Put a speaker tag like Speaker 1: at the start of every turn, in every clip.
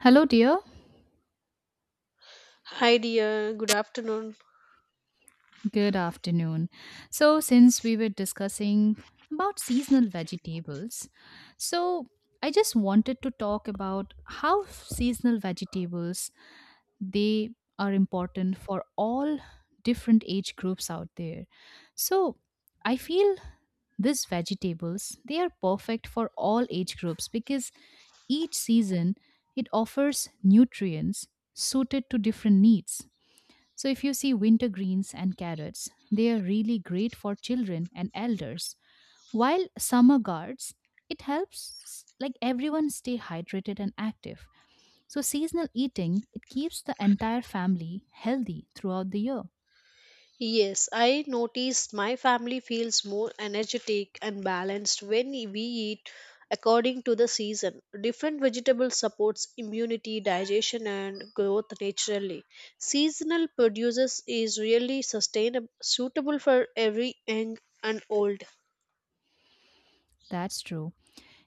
Speaker 1: Hello, dear.
Speaker 2: Hi dear, good afternoon.
Speaker 1: Good afternoon. So, since we were discussing about seasonal vegetables, so I just wanted to talk about how seasonal vegetables they are important for all different age groups out there. So, I feel these vegetables they are perfect for all age groups because each season it offers nutrients suited to different needs. So, if you see winter greens and carrots, they are really great for children and elders. While summer guards, it helps like everyone stay hydrated and active. So, seasonal eating, it keeps the entire family healthy throughout the year.
Speaker 2: Yes, I noticed my family feels more energetic and balanced when we eat according to the season. Different vegetables supports immunity, digestion and growth naturally. Seasonal produces is really sustainable suitable for every young and old.
Speaker 1: That's true.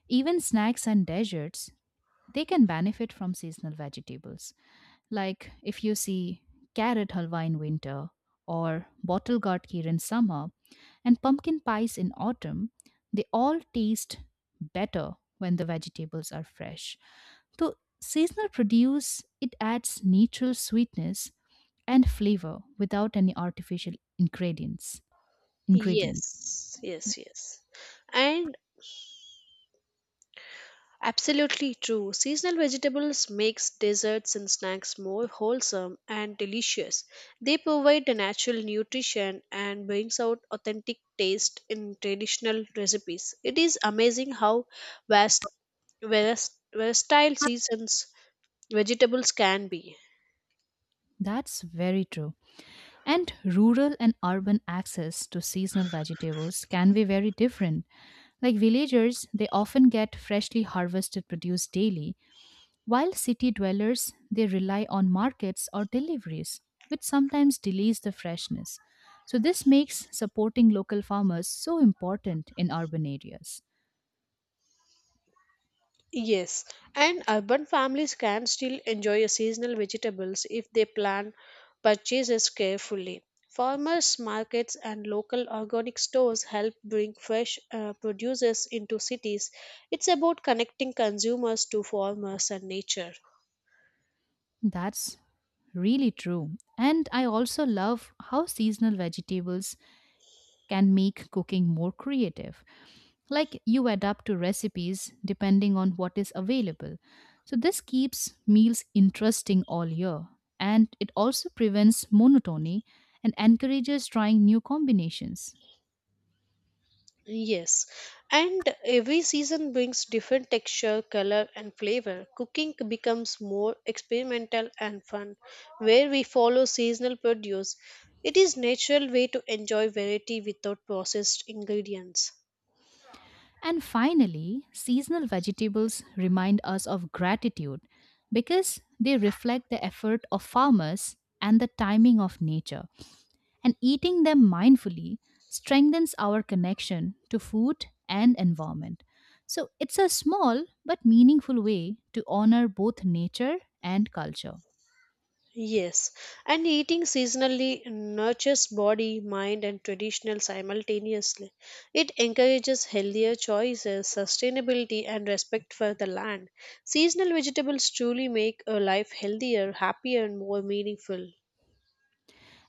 Speaker 1: Even snacks and desserts, they can benefit from seasonal vegetables. Like if you see carrot halwa in winter, or bottle gourd kheer in summer, and pumpkin pies in autumn, they all taste better when the vegetables are fresh. So seasonal produce it adds natural sweetness and flavor without any artificial ingredients. Ingredients.
Speaker 2: Yes,
Speaker 1: Yeah.
Speaker 2: yes, yes. And Absolutely true. Seasonal vegetables makes desserts and snacks more wholesome and delicious. They provide the natural nutrition and brings out authentic taste in traditional recipes. It is amazing how vast vast versatile seasons vegetables can be.
Speaker 1: That's very true. And rural and urban access to seasonal vegetables can be very different. Like villagers, they often get freshly harvested produce daily, while city dwellers, they rely on markets or deliveries, which sometimes delays the freshness. So, this makes supporting local farmers so important in urban areas.
Speaker 2: Yes, and urban families can still enjoy seasonal vegetables if they plan purchases carefully. Farmers' markets and local organic stores help bring fresh produces into cities. It's about connecting consumers to farmers and nature.
Speaker 1: That's really true. And I also love how seasonal vegetables can make cooking more creative, like you adapt to recipes depending on what is available. So, this keeps meals interesting all year and it also prevents monotony and encourages trying new combinations.
Speaker 2: Yes, and every season brings different texture, color, and flavor. Cooking becomes more experimental and fun, where we follow seasonal produce. It is natural way to enjoy variety without processed ingredients.
Speaker 1: And finally, seasonal vegetables remind us of gratitude because they reflect the effort of farmers and the timing of nature, and eating them mindfully strengthens our connection to food and environment. So it's a small but meaningful way to honor both nature and culture.
Speaker 2: Yes, and eating seasonally nurtures body, mind, and traditional simultaneously. It encourages healthier choices, sustainability, and respect for the land. Seasonal vegetables truly make a life healthier, happier, and more meaningful.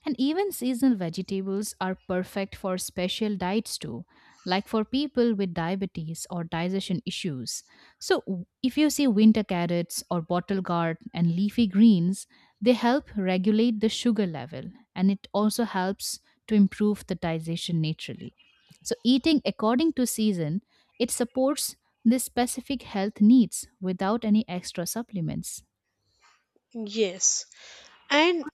Speaker 1: And even seasonal vegetables are perfect for special diets too, like for people with diabetes or digestion issues. So, if you see winter carrots or bottle gourd and leafy greens, they help regulate the sugar level and it also helps to improve the digestion naturally. So, eating according to season, it supports the specific health needs without any extra supplements.
Speaker 2: Yes, and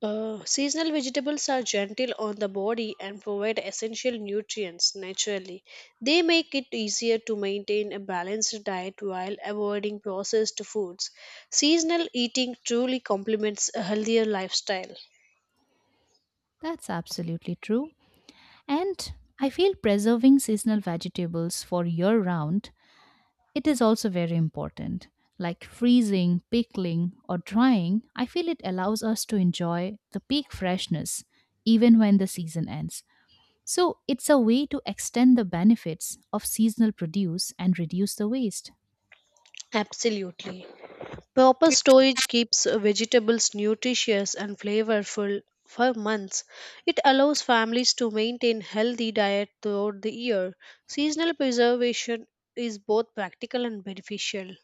Speaker 2: Seasonal vegetables are gentle on the body and provide essential nutrients naturally. They make it easier to maintain a balanced diet while avoiding processed foods. Seasonal eating truly complements a healthier lifestyle.
Speaker 1: That's absolutely true. And I feel preserving seasonal vegetables for year round, it is also very important. Like freezing, pickling, or drying, I feel it allows us to enjoy the peak freshness even when the season ends. So it's a way to extend the benefits of seasonal produce and reduce the waste.
Speaker 2: Absolutely. Proper storage keeps vegetables nutritious and flavorful for months. It allows families to maintain healthy diet throughout the year. Seasonal preservation is both practical and beneficial.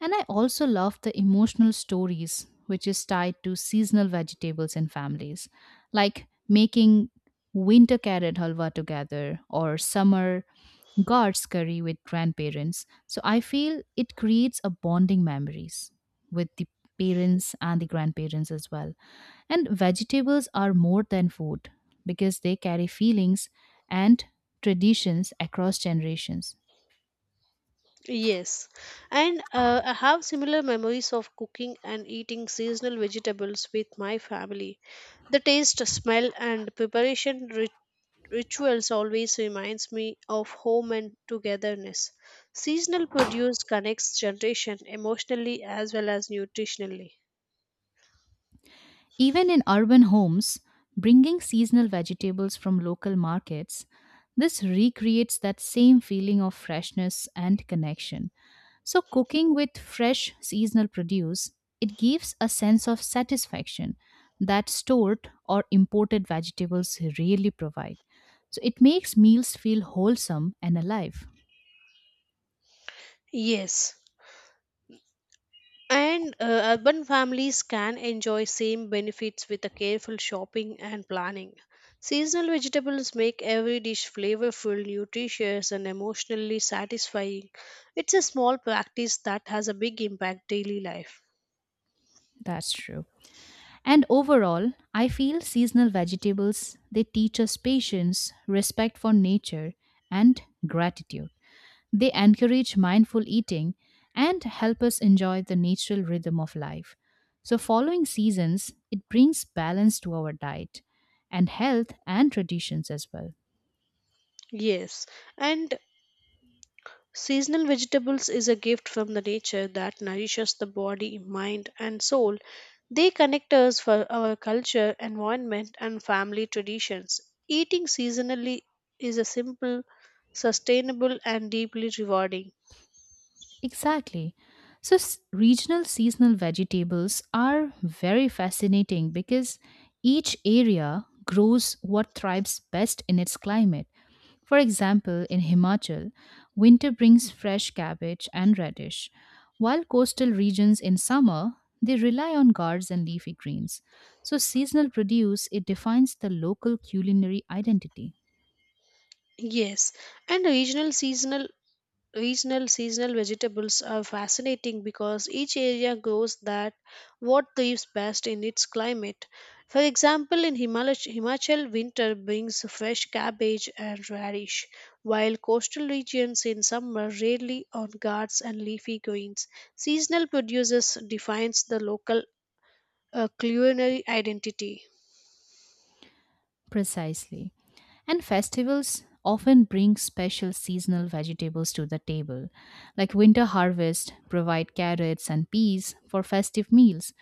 Speaker 1: And I also love the emotional stories which is tied to seasonal vegetables and families, like making winter carrot halwa together or summer gourds curry with grandparents. So I feel it creates a bonding memories with the parents and the grandparents as well. And vegetables are more than food because they carry feelings and traditions across generations.
Speaker 2: Yes, and I have similar memories of cooking and eating seasonal vegetables with my family. The taste, smell, and preparation rituals always reminds me of home and togetherness. Seasonal produce connects generation emotionally as well as nutritionally.
Speaker 1: Even in urban homes, bringing seasonal vegetables from local markets, this recreates that same feeling of freshness and connection. So, cooking with fresh seasonal produce, it gives a sense of satisfaction that stored or imported vegetables rarely provide. So, it makes meals feel wholesome and alive.
Speaker 2: Yes. And urban families can enjoy same benefits with a careful shopping and planning, seasonal vegetables make every dish flavorful, nutritious and emotionally satisfying. It's a small practice that has a big impact daily life.
Speaker 1: That's true. And overall, I feel seasonal vegetables they teach us patience, respect for nature, and gratitude. They encourage mindful eating and help us enjoy the natural rhythm of life. So following seasons, it brings balance to our diet and health and traditions as well.
Speaker 2: Yes, and seasonal vegetables is a gift from the nature that nourishes the body, mind, and soul. They connect us for our culture, environment, and family traditions. Eating seasonally is a simple, sustainable, and deeply rewarding.
Speaker 1: Exactly. So regional seasonal vegetables are very fascinating because each area grows what thrives best in its climate. For example, in Himachal, winter brings fresh cabbage and radish, while coastal regions in summer, they rely on gourds and leafy greens. So seasonal produce, it defines the local culinary identity.
Speaker 2: Yes, and regional seasonal vegetables are fascinating because each area grows that what thrives best in its climate. For example, in Himachal, winter brings fresh cabbage and radish, while coastal regions in summer rarely on guards and leafy greens. Seasonal produces defines the local culinary identity.
Speaker 1: Precisely. And festivals often bring special seasonal vegetables to the table. Like winter harvest provide carrots and peas for festive meals.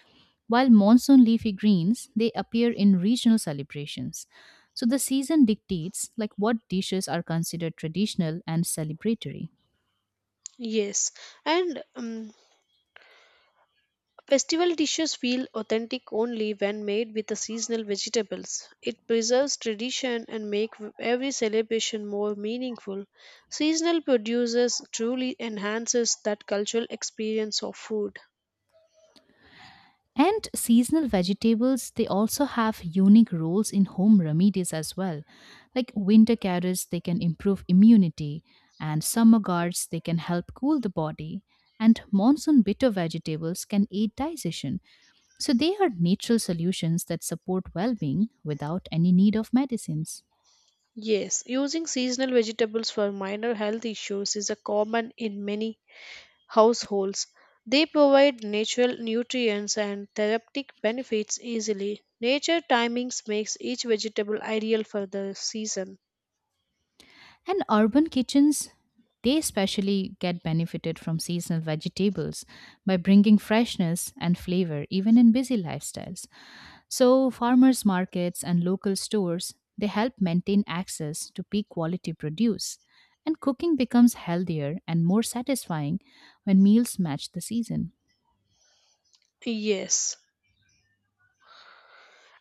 Speaker 1: While monsoon leafy greens, they appear in regional celebrations. So the season dictates like what dishes are considered traditional and celebratory.
Speaker 2: Yes, and festival dishes feel authentic only when made with the seasonal vegetables. It preserves tradition and makes every celebration more meaningful. Seasonal produces truly enhances that cultural experience of food.
Speaker 1: And seasonal vegetables, they also have unique roles in home remedies as well. Like winter carrots, they can improve immunity, and summer gourds, they can help cool the body. And monsoon bitter vegetables can aid digestion. So they are natural solutions that support well being without any need of medicines.
Speaker 2: Yes, using seasonal vegetables for minor health issues is a common in many households. They provide natural nutrients and therapeutic benefits easily. Nature timings makes each vegetable ideal for the season.
Speaker 1: And urban kitchens, they especially get benefited from seasonal vegetables by bringing freshness and flavor even in busy lifestyles. So, farmers markets and local stores, they help maintain access to peak quality produce. And cooking becomes healthier and more satisfying when meals match the season.
Speaker 2: Yes.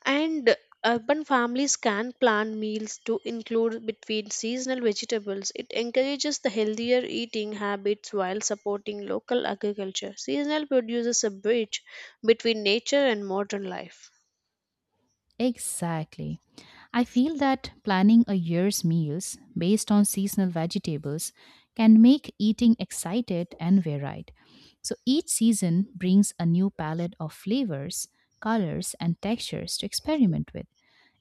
Speaker 2: And urban families can plan meals to include between seasonal vegetables. It encourages the healthier eating habits while supporting local agriculture. Seasonal produces a bridge between nature and modern life.
Speaker 1: Exactly. I feel that planning a year's meals based on seasonal vegetables can make eating excited and varied. So each season brings a new palette of flavors, colors, and textures to experiment with.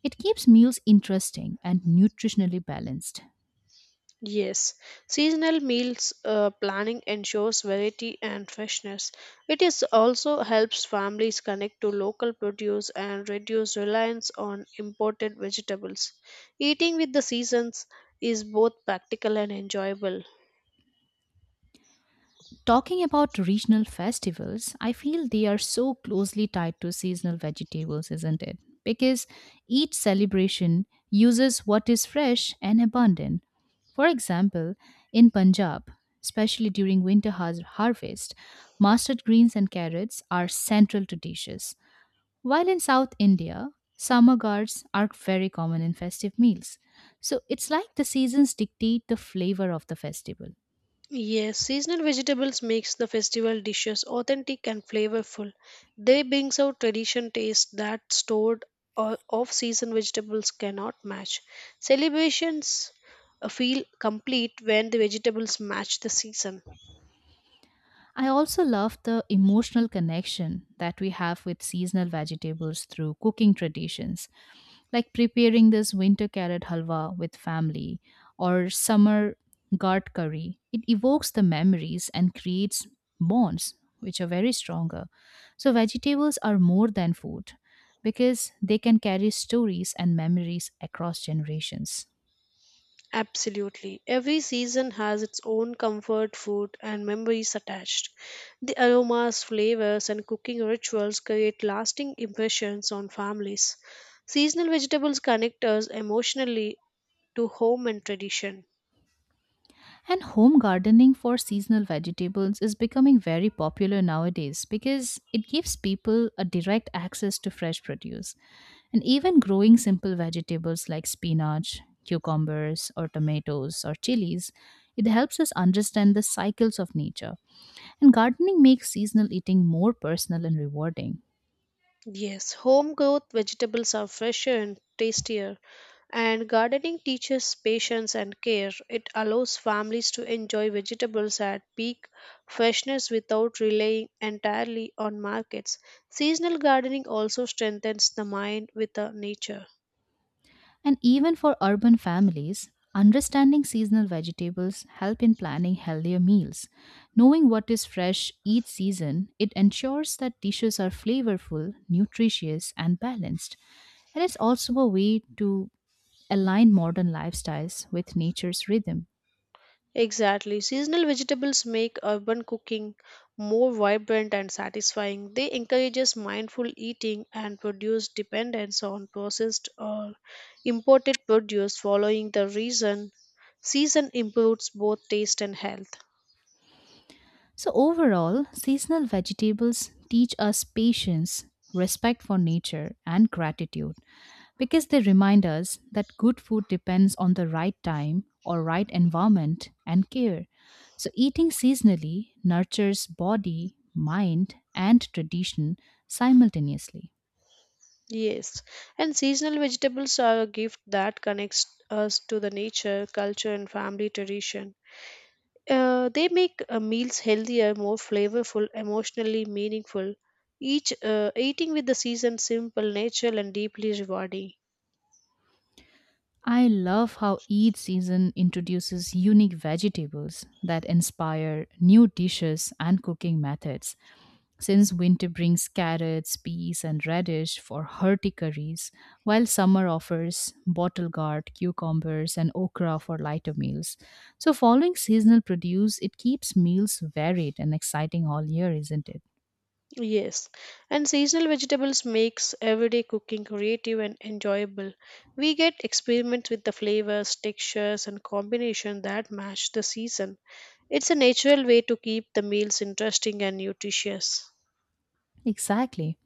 Speaker 1: It keeps meals interesting and nutritionally balanced.
Speaker 2: Yes, seasonal meals planning ensures variety and freshness. It is also helps families connect to local produce and reduce reliance on imported vegetables. Eating with the seasons is both practical and enjoyable.
Speaker 1: Talking about regional festivals, I feel they are so closely tied to seasonal vegetables, isn't it? Because each celebration uses what is fresh and abundant. For example, in Punjab, especially during winter harvest, mustard greens and carrots are central to dishes. While in South India, summer gourds are very common in festive meals. So it's like the seasons dictate the flavor of the festival.
Speaker 2: Yes, seasonal vegetables makes the festival dishes authentic and flavorful. They brings out tradition taste that stored or off-season vegetables cannot match. Celebrations feel complete when the vegetables match the season.
Speaker 1: I also love the emotional connection that we have with seasonal vegetables through cooking traditions, like preparing this winter carrot halwa with family or summer gart curry. It evokes the memories and creates bonds, which are very stronger. So, vegetables are more than food because they can carry stories and memories across generations.
Speaker 2: Absolutely. Every season has its own comfort food and memories attached. The aromas, flavors and cooking rituals create lasting impressions on families. Seasonal vegetables connect us emotionally to home and tradition.
Speaker 1: And home gardening for seasonal vegetables is becoming very popular nowadays because it gives people a direct access to fresh produce. And even growing simple vegetables like spinach, cucumbers, or tomatoes or chilies, it helps us understand the cycles of nature. And gardening makes seasonal eating more personal and rewarding.
Speaker 2: Yes, home growth vegetables are fresher and tastier, and gardening teaches patience and care. It allows families to enjoy vegetables at peak freshness without relying entirely on markets. Seasonal gardening also strengthens the mind with the nature.
Speaker 1: And even for urban families, understanding seasonal vegetables help in planning healthier meals. Knowing what is fresh each season, it ensures that dishes are flavorful, nutritious, and balanced. And it's also a way to align modern lifestyles with nature's rhythm.
Speaker 2: Exactly. Seasonal vegetables make urban cooking more vibrant and satisfying. They encourages mindful eating and reduce dependence on processed or imported produce, following the reason season improves both taste and health.
Speaker 1: So overall, seasonal vegetables teach us patience, respect for nature, and gratitude because they remind us that good food depends on the right time or right environment and care. So eating seasonally nurtures body, mind and tradition simultaneously.
Speaker 2: Yes. And seasonal vegetables are a gift that connects us to the nature, culture and family tradition. They make meals healthier, more flavorful, emotionally meaningful. Each eating with the season simple, natural, and deeply rewarding.
Speaker 1: I love how each season introduces unique vegetables that inspire new dishes and cooking methods since winter brings carrots, peas, and radish for hearty curries, while summer offers bottle gourd, cucumbers, and okra for lighter meals. So, following seasonal produce, it keeps meals varied and exciting all year, isn't it?
Speaker 2: Yes, and seasonal vegetables makes everyday cooking creative and enjoyable. We get experiments with the flavors, textures, and combination that match the season. It's a natural way to keep the meals interesting and nutritious.
Speaker 1: Exactly.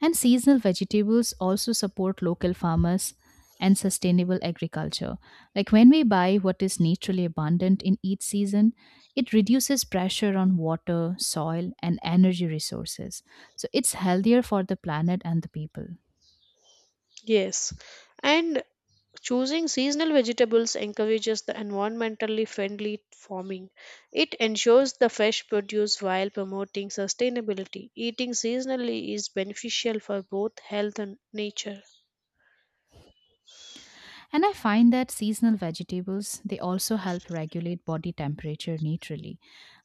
Speaker 1: And seasonal vegetables also support local farmers and sustainable agriculture. Like when we buy what is naturally abundant in each season, it reduces pressure on water, soil, and energy resources. So it's healthier for the planet and the people.
Speaker 2: Yes, and choosing seasonal vegetables encourages the environmentally friendly farming. It ensures the fresh produce while promoting sustainability. Eating seasonally is beneficial for both health and nature.
Speaker 1: And I find that seasonal vegetables, they also help regulate body temperature naturally.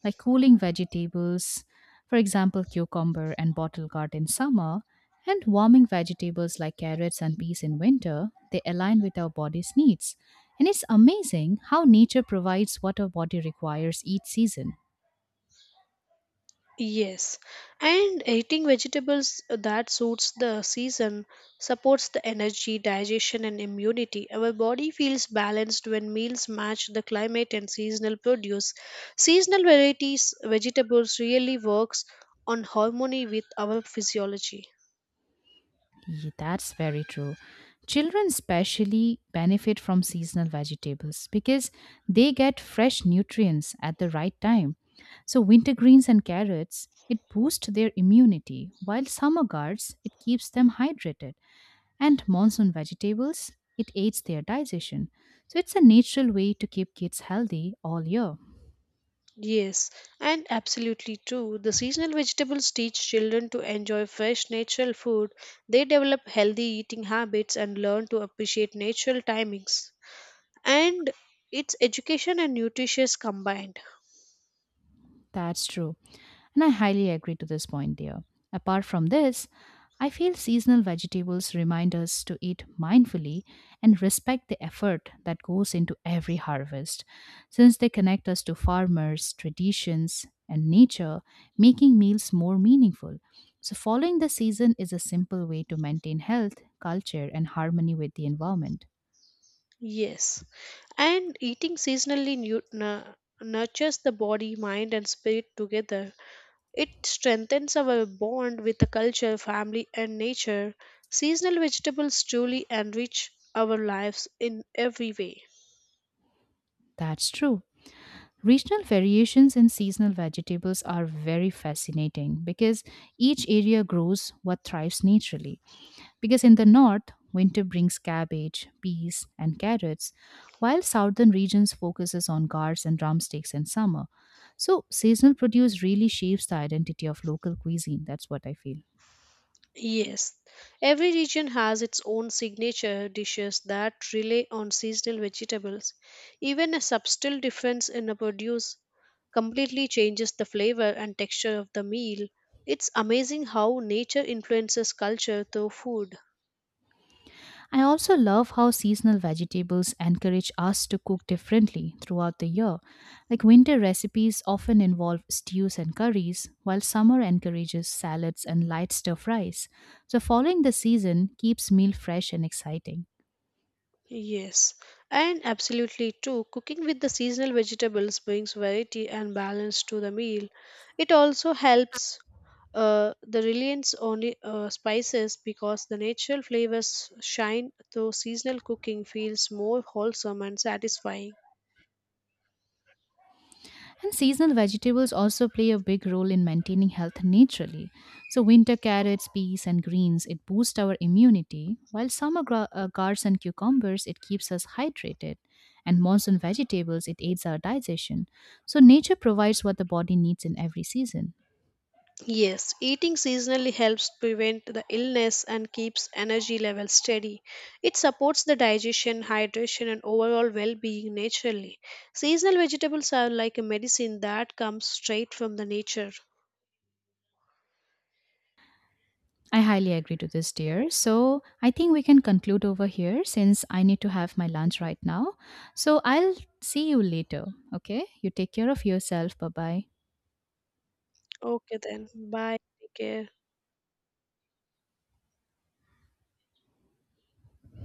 Speaker 1: Like cooling vegetables, for example, cucumber and bottle gourd in summer, and warming vegetables like carrots and peas in winter, they align with our body's needs. And it's amazing how nature provides what our body requires each season.
Speaker 2: Yes, and eating vegetables that suits the season supports the energy, digestion, and immunity. Our body feels balanced when meals match the climate and seasonal produce. Seasonal varieties vegetables really works on harmony with our physiology.
Speaker 1: That's very true. Children especially benefit from seasonal vegetables because they get fresh nutrients at the right time. So winter greens and carrots, it boosts their immunity, while summer guards, it keeps them hydrated, and monsoon vegetables, it aids their digestion. So it's a natural way to keep kids healthy all year.
Speaker 2: Yes, and absolutely true. The seasonal vegetables teach children to enjoy fresh natural food. They develop healthy eating habits and learn to appreciate natural timings. And it's education and nutritious combined.
Speaker 1: That's true. And I highly agree to this point, dear. Apart from this, I feel seasonal vegetables remind us to eat mindfully and respect the effort that goes into every harvest, since they connect us to farmers, traditions, and nature, making meals more meaningful. So, following the season is a simple way to maintain health, culture, and harmony with the environment.
Speaker 2: Yes, and eating seasonally nurtures the body, mind and spirit together. It strengthens our bond with the culture, family and nature. Seasonal vegetables truly enrich our lives in every way.
Speaker 1: That's true. Regional variations in seasonal vegetables are very fascinating because each area grows what thrives naturally. Because in the north, winter brings cabbage, peas, and carrots, while southern regions focuses on gourds and drumsticks in summer. So seasonal produce really shapes the identity of local cuisine. That's what I feel.
Speaker 2: Yes, every region has its own signature dishes that rely on seasonal vegetables. Even a subtle difference in a produce completely changes the flavor and texture of the meal. It's amazing how nature influences culture through food.
Speaker 1: I also love how seasonal vegetables encourage us to cook differently throughout the year. Like winter recipes often involve stews and curries, while summer encourages salads and light stir fries. So, following the season keeps meal fresh and exciting.
Speaker 2: Yes, and absolutely too. Cooking with the seasonal vegetables brings variety and balance to the meal. It also helps the reliance on spices because the natural flavors shine through seasonal cooking feels more wholesome and satisfying.
Speaker 1: And seasonal vegetables also play a big role in maintaining health naturally. So, winter carrots, peas, and greens it boosts our immunity, while summer gourds and cucumbers it keeps us hydrated, and monsoon vegetables it aids our digestion. So, nature provides what the body needs in every season.
Speaker 2: Yes, eating seasonally helps prevent the illness and keeps energy levels steady. It supports the digestion, hydration, and overall well being naturally. Seasonal vegetables are like a medicine that comes straight from the nature.
Speaker 1: I highly agree to this, dear. So, I think we can conclude over here since I need to have my lunch right now. So, I'll see you later. Okay, you take care of yourself. Bye bye.
Speaker 2: Okay, then. Bye. Take care.